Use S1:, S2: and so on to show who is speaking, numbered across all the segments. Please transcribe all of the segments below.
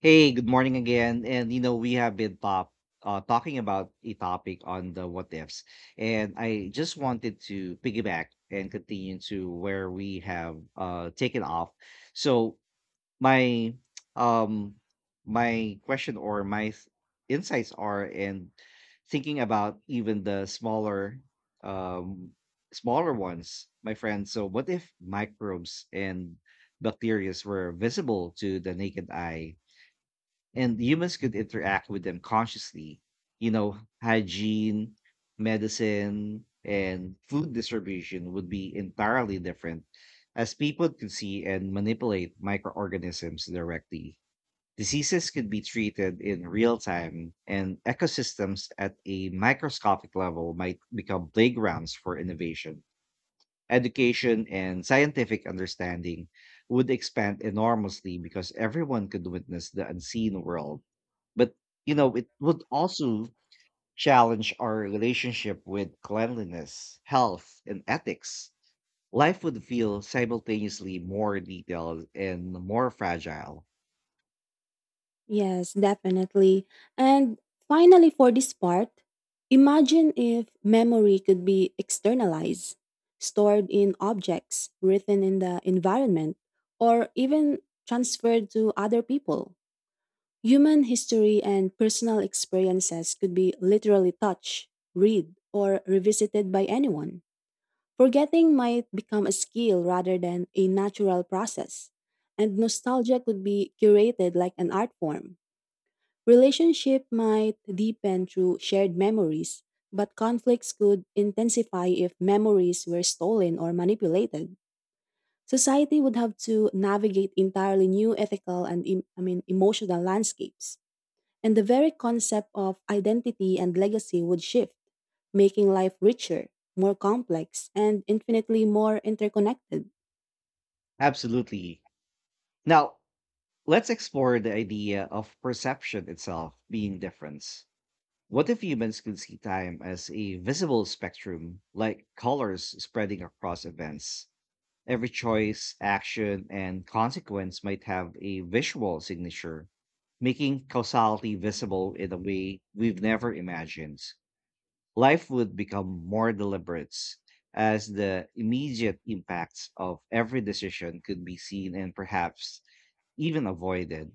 S1: Hey, good morning again. We have been top talking about a topic on the what ifs, and I just wanted to piggyback and continue to where we have taken off. So my um my question or my th- insights are in thinking about even the smaller um smaller ones, my friend. So what if microbes and bacteria were visible to the naked eye, and humans could interact with them consciously? you know, hygiene, medicine, and food distribution would be entirely different as people could see and manipulate microorganisms directly. Diseases could be treated in real time, and ecosystems at a microscopic level might become playgrounds for innovation. Education and scientific understanding would expand enormously because everyone could witness the unseen world, but, it would also challenge our relationship with cleanliness, health, and ethics. Life would feel simultaneously more detailed and more fragile.
S2: If memory could be externalized, stored in objects, written in the environment, or even transferred to other people, human history and personal experiences could be literally touched, read, or revisited by anyone. Forgetting might become a skill rather than a natural process, and nostalgia could be curated like an art form. Relationship might deepen through shared memories, but conflicts could intensify if memories were stolen or manipulated. Society would have to navigate entirely new ethical and emotional landscapes, and the very concept of identity and legacy would shift, making life richer, more complex, and infinitely more interconnected.
S1: Absolutely. Now, let's explore the idea of perception itself being different. What if humans could see time as a visible spectrum, like colors spreading across events? Every choice, action, and consequence might have a visual signature, making causality visible in a way we've never imagined. Life would become more deliberate as the immediate impacts of every decision could be seen and perhaps even avoided.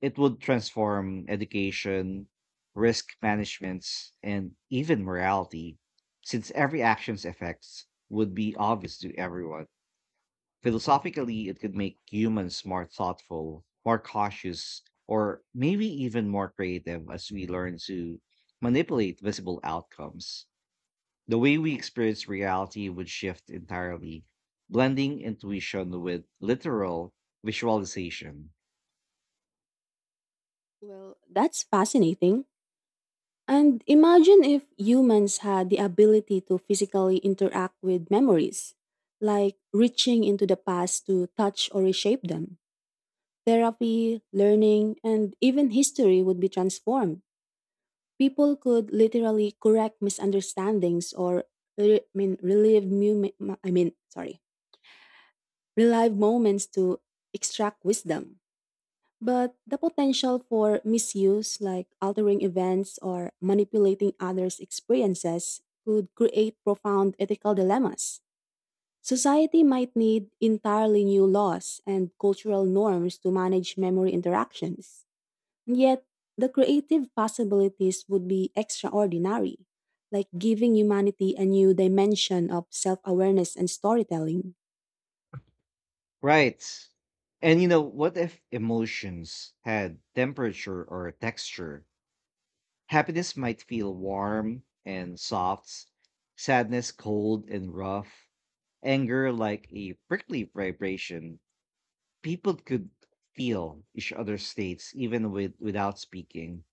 S1: It would transform education, risk management, and even morality, since every action's effects would be obvious to everyone. Philosophically, it could make humans more thoughtful, more cautious, or maybe even more creative as we learn to manipulate visible outcomes. The way we experience reality would shift entirely, blending intuition with literal visualization.
S2: Well, that's fascinating. And imagine if humans had the ability to physically interact with memories, like reaching into the past to touch or reshape them. Therapy, learning, and even history would be transformed. People could literally correct misunderstandings or relive I mean sorry, relive moments to extract wisdom. But the potential for misuse, like altering events or manipulating others' experiences, could create profound ethical dilemmas. Society might need entirely new laws and cultural norms to manage memory interactions. And yet, the creative possibilities would be extraordinary, like giving humanity a new dimension of self awareness and storytelling.
S1: Right. What if emotions had temperature or texture? Happiness might feel warm and soft, sadness cold and rough, anger like a prickly vibration. People could feel each other's states even without speaking,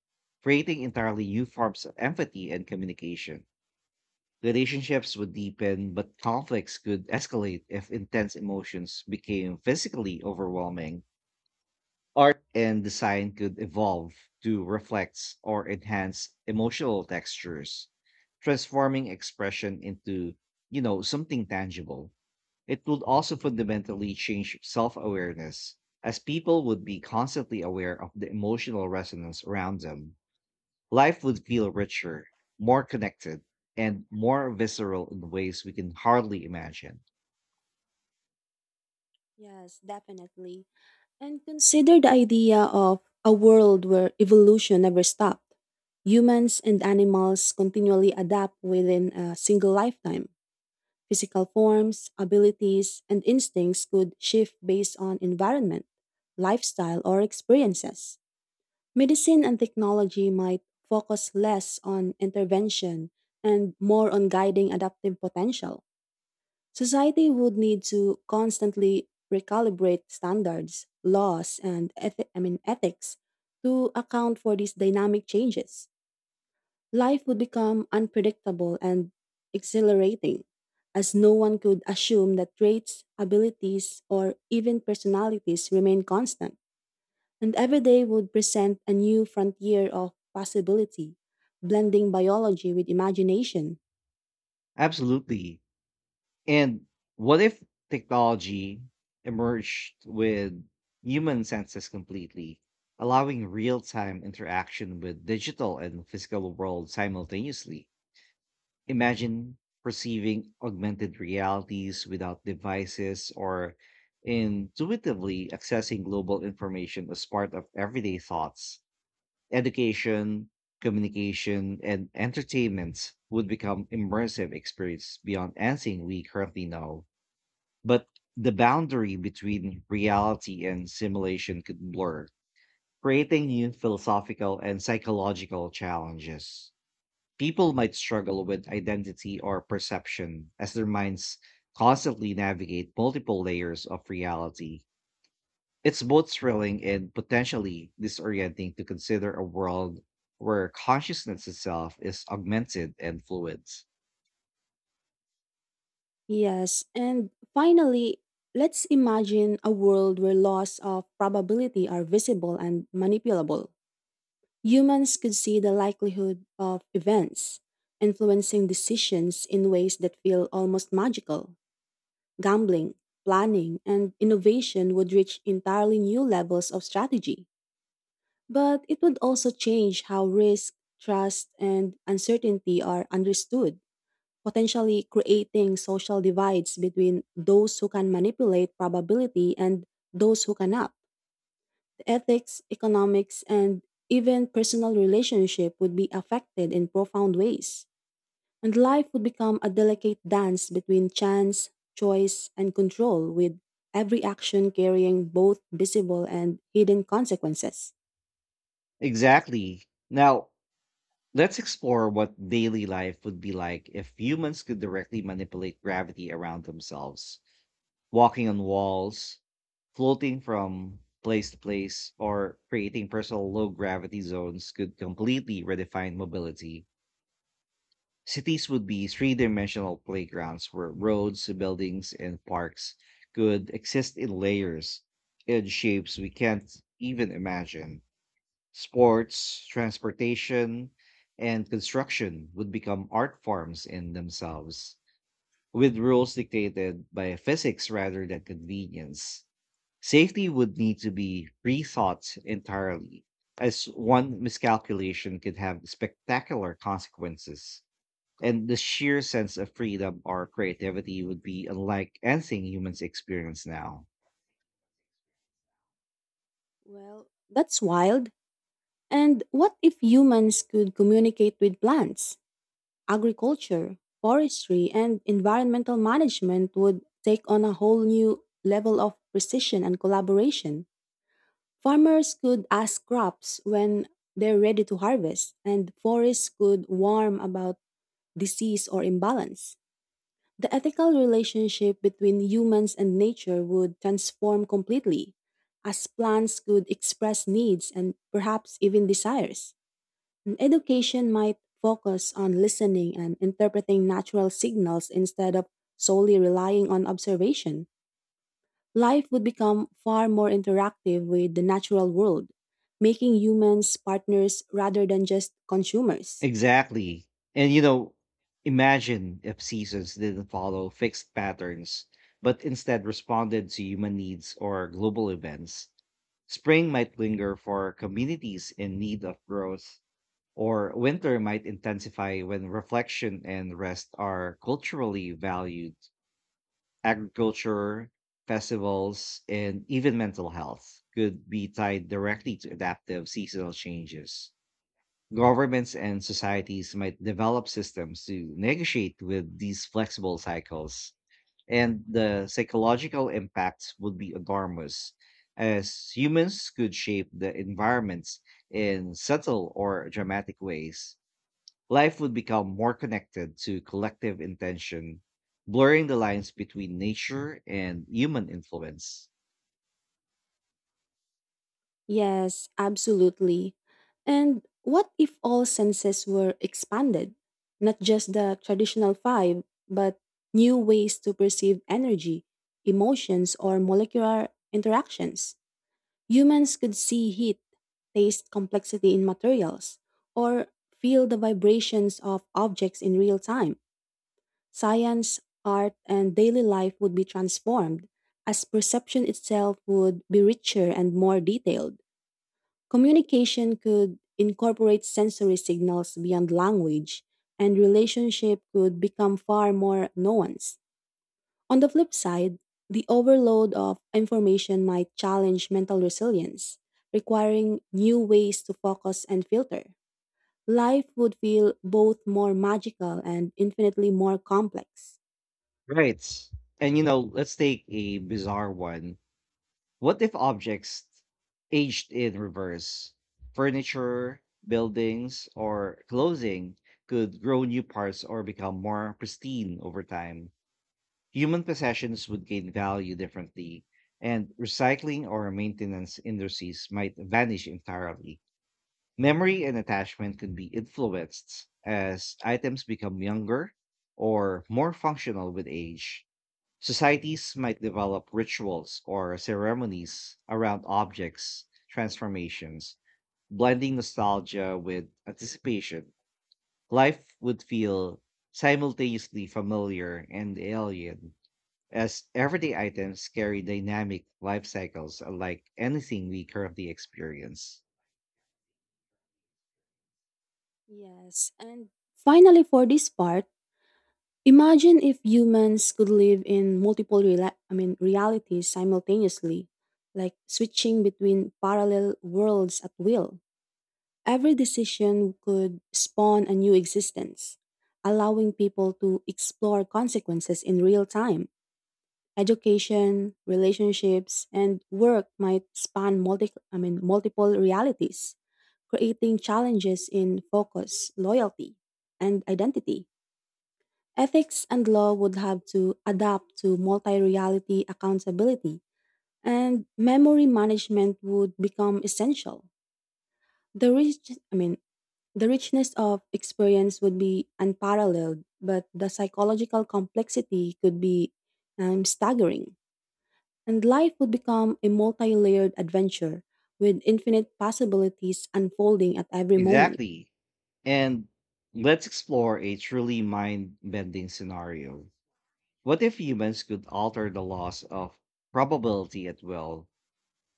S1: creating entirely new forms of empathy and communication. Relationships would deepen, but conflicts could escalate if intense emotions became physically overwhelming. Art and design could evolve to reflect or enhance emotional textures, transforming expression into, you know, something tangible. It would also fundamentally change self awareness, as people would be constantly aware of the emotional resonance around them. Life would feel richer, more connected, and more visceral in ways we can hardly imagine.
S2: Yes, definitely. And consider the idea of a world where evolution never stopped. Humans and animals continually adapt within a single lifetime. Physical forms, abilities, and instincts could shift based on environment, lifestyle, or experiences. Medicine and technology might focus less on intervention and more on guiding adaptive potential. Society would need to constantly recalibrate standards, laws, and ethics to account for these dynamic changes. Life would become unpredictable and exhilarating, as no one could assume that traits, abilities, or even personalities remain constant. And every day would present a new frontier of possibility, blending biology with imagination.
S1: Absolutely. And what if technology emerged with human senses completely, allowing real time interaction with digital and physical world simultaneously? Imagine perceiving augmented realities without devices or intuitively accessing global information as part of everyday thoughts. Education, communication, and entertainment would become immersive experience beyond anything we currently know. But the boundary between reality and simulation could blur, creating new philosophical and psychological challenges. People might struggle with identity or perception as their minds constantly navigate multiple layers of reality. It's both thrilling and potentially disorienting to consider a world where consciousness itself is augmented and fluid.
S2: Yes, and finally, let's imagine a world where laws of probability are visible and manipulable. Humans could see the likelihood of events, influencing decisions in ways that feel almost magical. Gambling, planning, and innovation would reach entirely new levels of strategy. But it would also change how risk, trust, and uncertainty are understood, potentially creating social divides between those who can manipulate probability and those who cannot. The ethics, economics, and even personal relationship would be affected in profound ways. And life would become a delicate dance between chance, choice, and control, with every action carrying both visible and hidden consequences.
S1: Exactly. Now, let's explore what daily life would be like if humans could directly manipulate gravity around themselves. Walking on walls, floating from place to place, or creating personal low gravity zones could completely redefine mobility. Cities would be three dimensional playgrounds where roads, buildings, and parks could exist in layers and shapes we can't even imagine. Sports, transportation, and construction would become art forms in themselves, with rules dictated by physics rather than convenience. Safety would need to be rethought entirely, as one miscalculation could have spectacular consequences. And the sheer sense of freedom or creativity would be unlike anything humans experience now.
S2: Well, that's wild. And what if humans could communicate with plants? Agriculture, forestry, and environmental management would take on a whole new level of precision and collaboration. Farmers could ask crops when they're ready to harvest, and forests could warn about disease or imbalance. The ethical relationship between humans and nature would transform completely, as plants could express needs and perhaps even desires. Education might focus on listening and interpreting natural signals instead of solely relying on observation. Life would become far more interactive with the natural world, making humans partners rather than just consumers.
S1: Exactly. And you know, imagine if seasons didn't follow fixed patterns, but instead responded to human needs or global events. Spring might linger for communities in need of growth, or winter might intensify when reflection and rest are culturally valued. Agriculture, festivals, and even mental health could be tied directly to adaptive seasonal changes. Governments and societies might develop systems to negotiate with these flexible cycles, and the psychological impacts would be enormous, as humans could shape the environments in subtle or dramatic ways. Life would become more connected to collective intention, blurring the lines between nature and human influence.
S2: Yes, absolutely. And what if all senses were expanded? Not just the traditional five, but new ways to perceive energy, emotions, or molecular interactions. Humans could see heat, taste complexity in materials, or feel the vibrations of objects in real time. Science, art, and daily life would be transformed, as perception itself would be richer and more detailed. Communication could incorporate sensory signals beyond language, and relationship could become far more nuanced. On the flip side, the overload of information might challenge mental resilience, requiring new ways to focus and filter. Life would feel both more magical and infinitely more complex.
S1: Right. Let's take a bizarre one. What if objects aged in reverse? Furniture, buildings, or clothing could grow new parts or become more pristine over time. Human possessions would gain value differently, and recycling or maintenance industries might vanish entirely. Memory and attachment can be influenced as items become younger or more functional with age. Societies might develop rituals or ceremonies around objects' transformations, blending nostalgia with anticipation. Life would feel simultaneously familiar and alien as everyday items carry dynamic life cycles unlike anything we currently experience.
S2: Yes, and finally for this part, imagine if humans could live in multiple realities simultaneously, like switching between parallel worlds at will. Every decision could spawn a new existence, allowing people to explore consequences in real time. Education, relationships, and work might span multiple realities, creating challenges in focus, loyalty, and identity. Ethics and law would have to adapt to multi reality accountability, and memory management would become essential. The rich, I mean, the richness of experience would be unparalleled, but the psychological complexity could be staggering. And life would become a multi layered adventure with infinite possibilities unfolding at every moment.
S1: Exactly. And let's explore a truly mind bending scenario. What if humans could alter the laws of probability at will?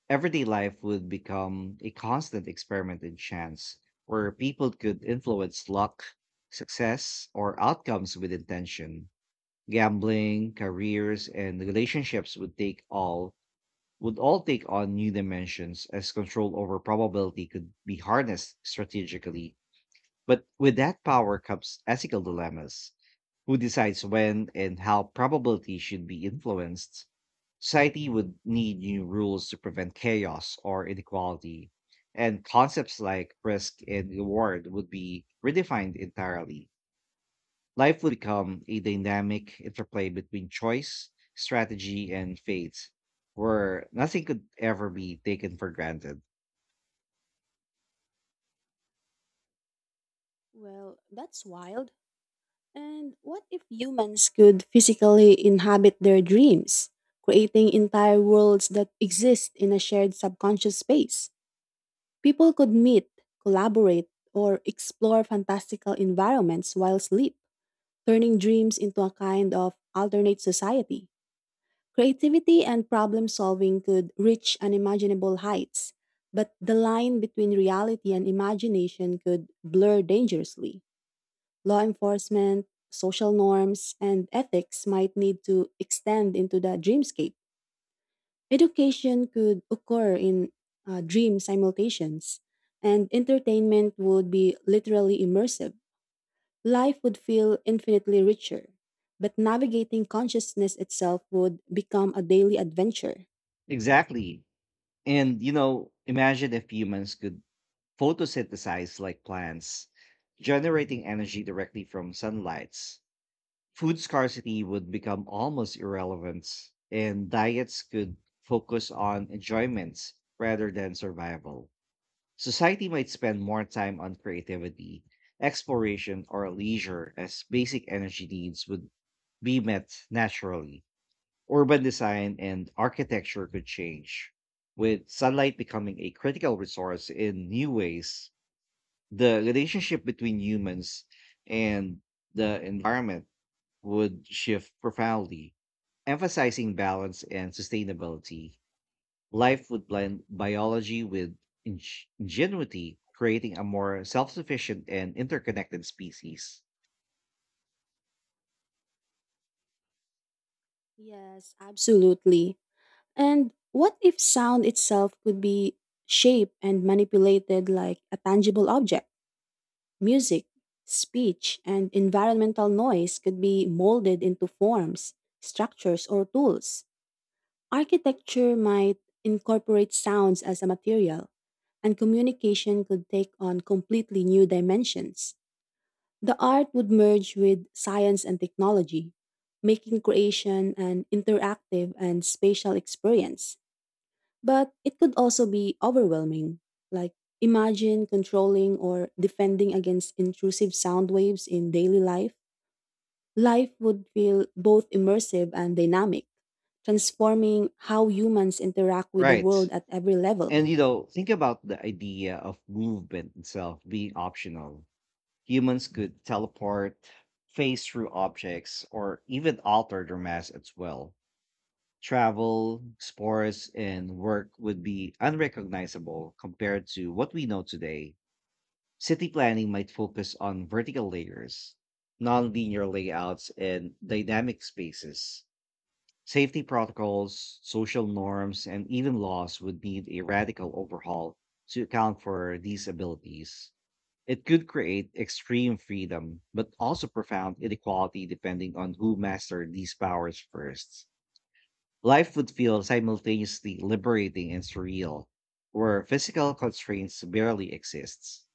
S1: Everyday life would become a constant experiment in chance, where people could influence luck, success, or outcomes with intention. Gambling, careers, and relationships would all take on new dimensions as control over probability could be harnessed strategically. But with that power comes ethical dilemmas. Who decides when and how probability should be influenced? Society would need new rules to prevent chaos or inequality, and concepts like risk and reward would be redefined entirely. Life would become a dynamic interplay between choice, strategy, and fate, where nothing could ever be taken for granted.
S2: Well, that's wild. And what if humans could physically inhabit their dreams, creating entire worlds that exist in a shared subconscious space? People could meet, collaborate, or explore fantastical environments while sleep, turning dreams into a kind of alternate society. Creativity and problem solving could reach unimaginable heights, but the line between reality and imagination could blur dangerously. Law enforcement, social norms, and ethics might need to extend into the dreamscape. Education could occur in dream simultations, and entertainment would be literally immersive. Life would feel infinitely richer, but navigating consciousness itself would become a daily adventure.
S1: Exactly. And, imagine if humans could photosynthesize like plants, generating energy directly from sunlight. Food scarcity would become almost irrelevant, and diets could focus on enjoyment rather than survival. Society might spend more time on creativity, exploration, or leisure as basic energy needs would be met naturally. Urban design and architecture could change, with sunlight becoming a critical resource in new ways. The relationship between humans and the environment would shift profoundly, emphasizing balance and sustainability. Life would blend biology with ing- ingenuity, creating a more self sufficient and interconnected species.
S2: Yes, absolutely. And what if sound itself could be shaped and manipulated like a tangible object? Music, speech, and environmental noise could be molded into forms, structures, or tools. Architecture might incorporate sounds as a material, and communication could take on completely new dimensions. The art would merge with science and technology, making creation an interactive and spatial experience. But it could also be overwhelming. Like, imagine controlling or defending against intrusive sound waves in daily life. Life would feel both immersive and dynamic, transforming how humans interact with the
S1: Right.
S2: world at every level.
S1: Think about the idea of movement itself being optional. Humans could teleport, phase through objects, or even alter their mass as well. Travel, sports, and work would be unrecognizable compared to what we know today. City planning might focus on vertical layers, non-linear layouts, and dynamic spaces. Safety protocols, social norms, and even laws would need a radical overhaul to account for these abilities. It could create extreme freedom, but also profound inequality depending on who mastered these powers first. Life would feel simultaneously liberating and surreal, where physical constraints barely exist.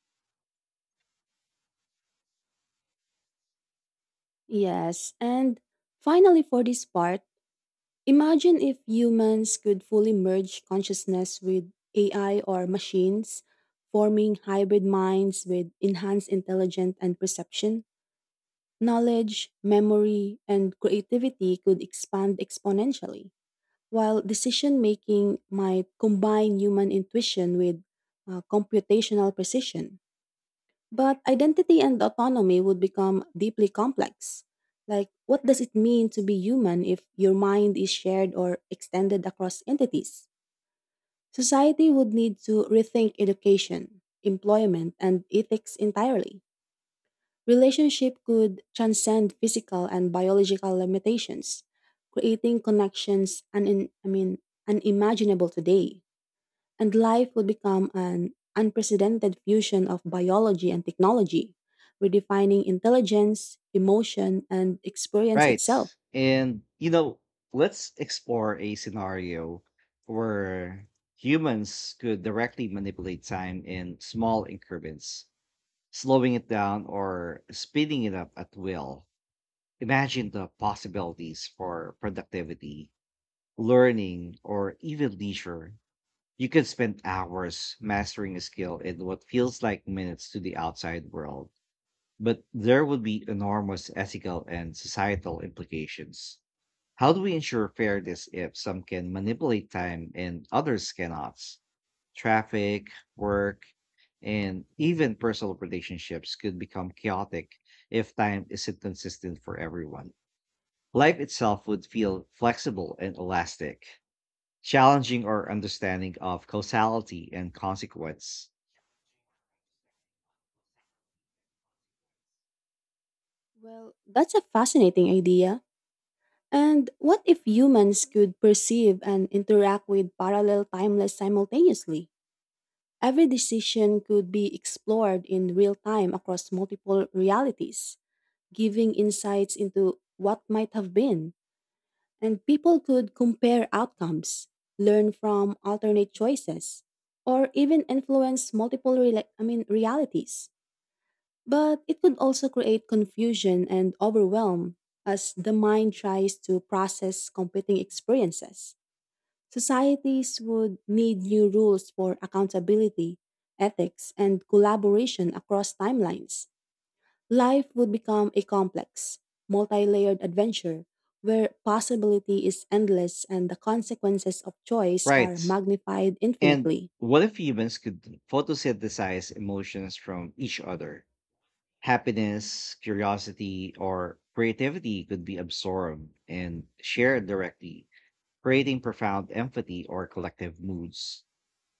S2: Yes, and finally, for this part, imagine if humans could fully merge consciousness with AI or machines, forming hybrid minds with enhanced intelligence and perception. Knowledge, memory, and creativity could expand exponentially. While decision making might combine human intuition with computational precision, but identity and autonomy would become deeply complex. Like, what does it mean to be human if your mind is shared or extended across entities? Society would need to rethink education, employment, and ethics entirely. Relationship could transcend physical and biological limitations, creating connections and I mean unimaginable today. And life would become an unprecedented fusion of biology and technology, redefining intelligence, emotion, and experience
S1: Right.
S2: itself.
S1: And you know, let's explore a scenario where humans could directly manipulate time in small increments, slowing it down or speeding it up at will. Imagine the possibilities for productivity, learning, or even leisure. You could spend hours mastering a skill in what feels like minutes to the outside world, but there would be enormous ethical and societal implications. How do we ensure fairness if some can manipulate time and others cannot? Traffic, work, and even personal relationships could become chaotic if time isn't consistent for everyone. Life itself would feel flexible and elastic, challenging our understanding of causality and consequence.
S2: Well, that's a fascinating idea. And what if humans could perceive and interact with parallel timeless simultaneously? Every decision could be explored in real time across multiple realities, giving insights into what might have been. And people could compare outcomes, learn from alternate choices, or even influence multiple realities. But it could also create confusion and overwhelm as the mind tries to process competing experiences. Societies would need new rules for accountability, ethics, and collaboration across timelines. Life would become a complex, multi layered adventure where possibility is endless and the consequences of choice are
S1: Right.
S2: magnified
S1: And
S2: infinitely.
S1: what if humans could photosynthesize emotions from each other? Happiness, curiosity, or creativity could be absorbed and shared directly, creating profound empathy or collective moods.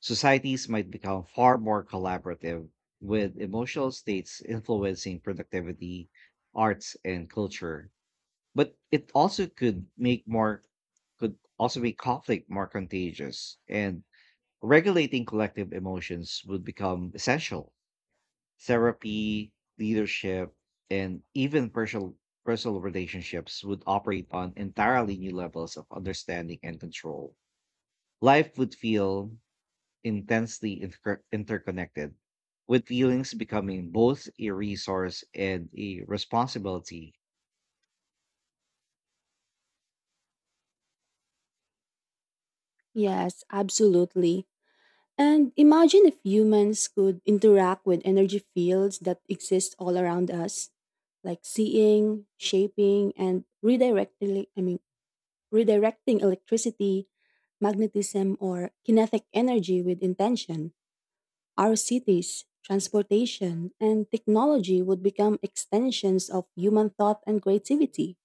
S1: Societies might become far more collaborative, with emotional states influencing productivity, arts, and culture. But it also could make more could also make conflict more contagious, and regulating collective emotions would become essential. Therapy, leadership, and even personal relationships would operate on entirely new levels of understanding and control. Life would feel intensely interconnected, with feelings becoming both a resource and a responsibility.
S2: Yes, absolutely. And imagine if humans could interact with energy fields that exist all around us, like seeing, shaping, and redirecting electricity, magnetism, or kinetic energy with intention. Our cities, transportation, and technology would become extensions of human thought and creativity.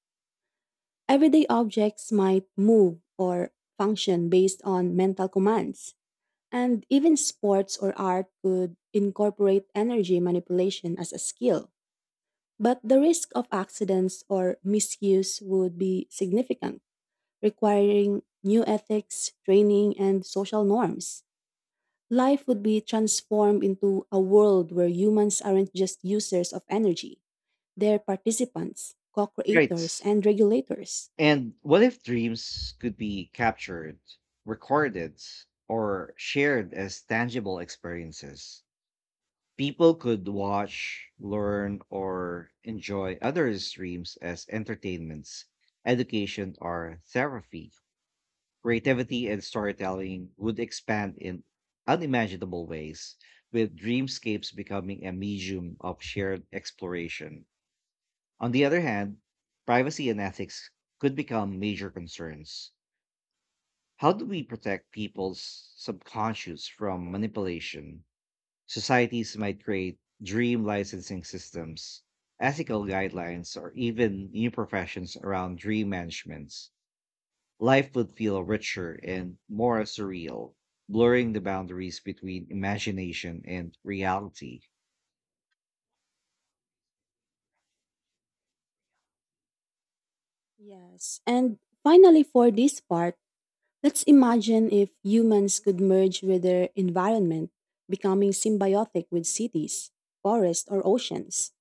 S2: Everyday objects might move or function based on mental commands, and even sports or art could incorporate energy manipulation as a skill. But the risk of accidents or misuse would be significant, requiring new ethics, training, and social norms. Life would be transformed into a world where humans aren't just users of energy, they're participants, co creators,
S1: Right.
S2: and regulators.
S1: And what if dreams could be captured, recorded, or shared as tangible experiences? People could watch, learn, or enjoy others' dreams as entertainments, education, or therapy. Creativity and storytelling would expand in unimaginable ways, with dreamscapes becoming a medium of shared exploration. On the other hand, privacy and ethics could become major concerns. How do we protect people's subconscious from manipulation? Societies might create dream licensing systems, ethical guidelines, or even new professions around dream managements. Life would feel richer and more surreal, blurring the boundaries between imagination and reality.
S2: Yes. And finally, for this part, let's imagine if humans could merge with their environment, becoming symbiotic with cities, forests, or oceans.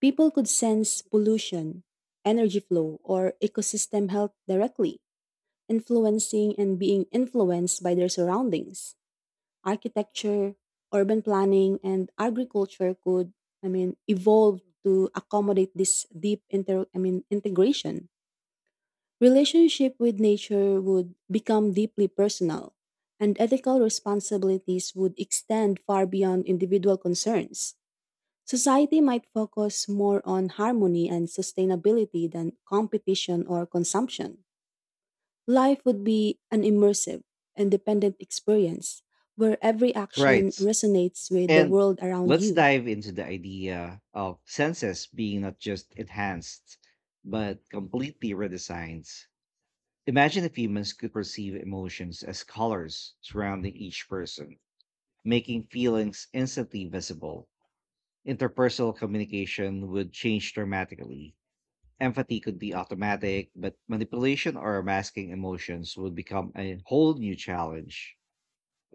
S2: People could sense pollution, energy flow, or ecosystem health directly, influencing and being influenced by their surroundings. Architecture, urban planning, and agriculture could, I mean, evolve to accommodate this deep inter, I mean, integration. Relationship with nature would become deeply personal, and ethical responsibilities would extend far beyond individual concerns. Society might focus more on harmony and sustainability than competition or consumption. Life would be an immersive, independent experience where every action
S1: Right.
S2: resonates with the
S1: And
S2: world around
S1: let's
S2: you.
S1: dive into the idea of senses being not just enhanced, but completely redesigned. Imagine if humans could perceive emotions as colors surrounding each person, making feelings instantly visible. Interpersonal communication would change dramatically. Empathy could be automatic, but manipulation or masking emotions would become a whole new challenge.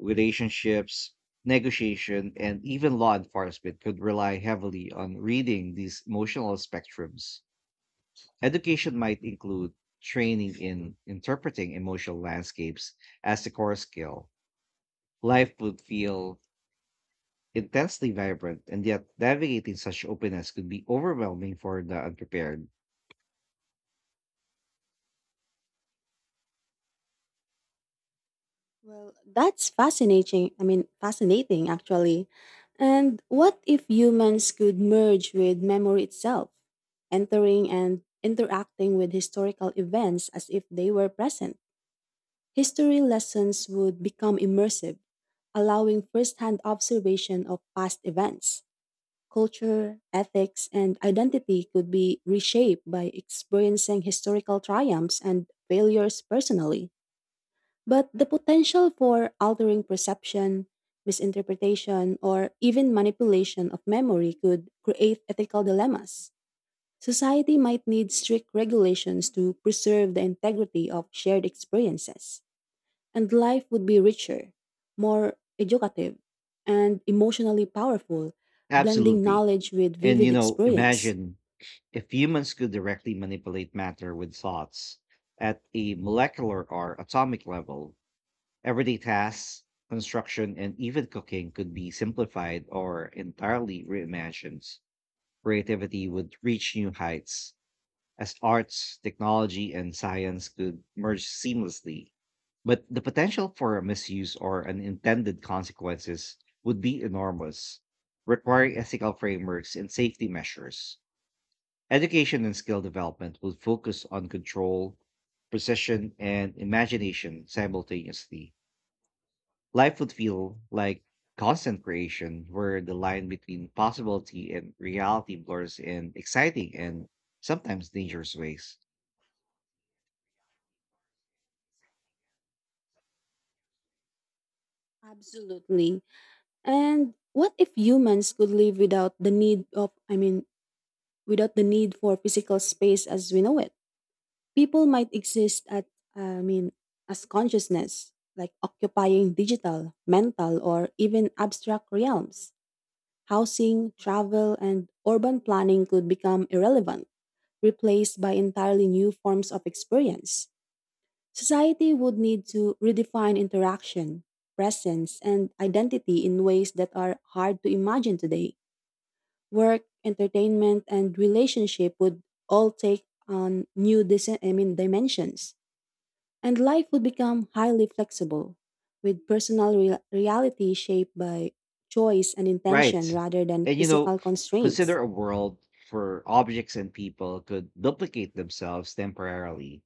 S1: Relationships, negotiation, and even law enforcement could rely heavily on reading these emotional spectrums. Education might include training in interpreting emotional landscapes as a core skill. Life would feel intensely vibrant, and yet navigating such openness could be overwhelming for the unprepared.
S2: Well, that's fascinating. Fascinating actually. And what if humans could merge with memory itself, entering and interacting with historical events as if they were present? History lessons would become immersive, allowing firsthand observation of past events. Culture, ethics, and identity could be reshaped by experiencing historical triumphs and failures personally. But the potential for altering perception, misinterpretation, or even manipulation of memory could create ethical dilemmas. Society might need strict regulations to preserve the integrity of shared experiences, and life would be richer, more educative, and emotionally powerful, blending
S1: Absolutely.
S2: knowledge with vivid experience.
S1: Imagine if humans could directly manipulate matter with thoughts at a molecular or atomic level. Everyday tasks, construction, and even cooking could be simplified or entirely reimagined. Creativity would reach new heights as arts, technology, and science could merge seamlessly. But the potential for misuse or unintended consequences would be enormous, requiring ethical frameworks and safety measures. Education and skill development would focus on control, precision, and imagination simultaneously. Life would feel like constant creation, where the line between possibility and reality blurs in exciting and sometimes dangerous ways.
S2: Absolutely. And what if humans could live without the need of, I mean, without the need for physical space as we know it? People might exist at, I mean, as consciousness, like occupying digital, mental, or even abstract realms. Housing, travel, and urban planning could become irrelevant, replaced by entirely new forms of experience. Society would need to redefine interaction, presence, and identity in ways that are hard to imagine today. Work, entertainment, and relationship would all take on new dimensions, and life would become highly flexible, with personal reality shaped by choice and intention
S1: Right.
S2: rather than
S1: And you know,
S2: physical
S1: consider
S2: constraints.
S1: a world where objects and people could duplicate themselves temporarily.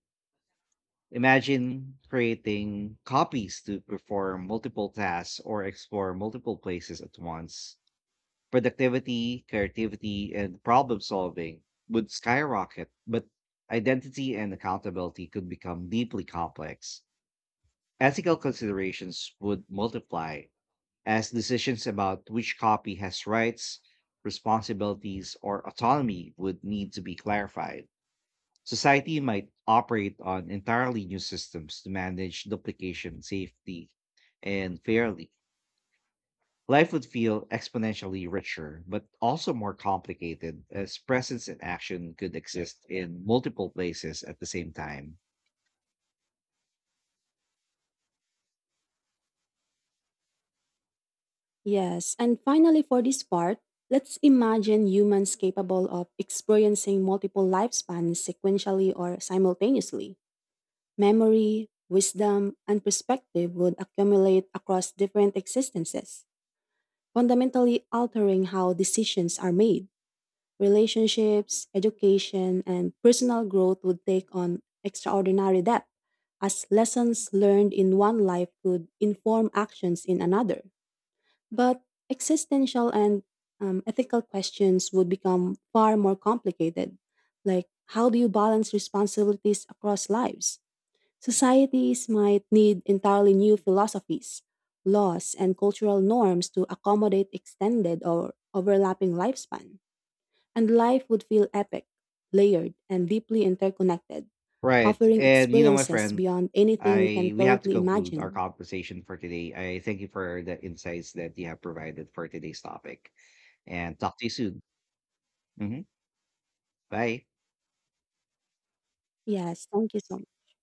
S1: Imagine creating copies to perform multiple tasks or explore multiple places at once. Productivity, creativity, and problem solving would skyrocket, but identity and accountability could become deeply complex. Ethical considerations would multiply as decisions about which copy has rights, responsibilities, or autonomy would need to be clarified. Society might operate on entirely new systems to manage duplication safely and fairly. Life would feel exponentially richer, but also more complicated, as presence and action could exist in multiple places at the same time.
S2: Yes, and finally, for this part, let's imagine humans capable of experiencing multiple lifespans sequentially or simultaneously. Memory, wisdom, and perspective would accumulate across different existences, fundamentally altering how decisions are made. Relationships, education, and personal growth would take on extraordinary depth, as lessons learned in one life could inform actions in another. But existential and ethical questions would become far more complicated, like, how do you balance responsibilities across lives? Societies might need entirely new philosophies, laws, and cultural norms to accommodate extended or overlapping lifespan. And life would feel epic, layered, and deeply interconnected,
S1: Right.
S2: offering
S1: And my
S2: experiences
S1: friend,
S2: beyond anything we can
S1: I we have to
S2: currently
S1: conclude our
S2: imagine.
S1: conversation for today. I thank you for the insights that you have provided for today's topic, and talk to you soon. Hmm. Bye.
S2: Yes, thank you so much.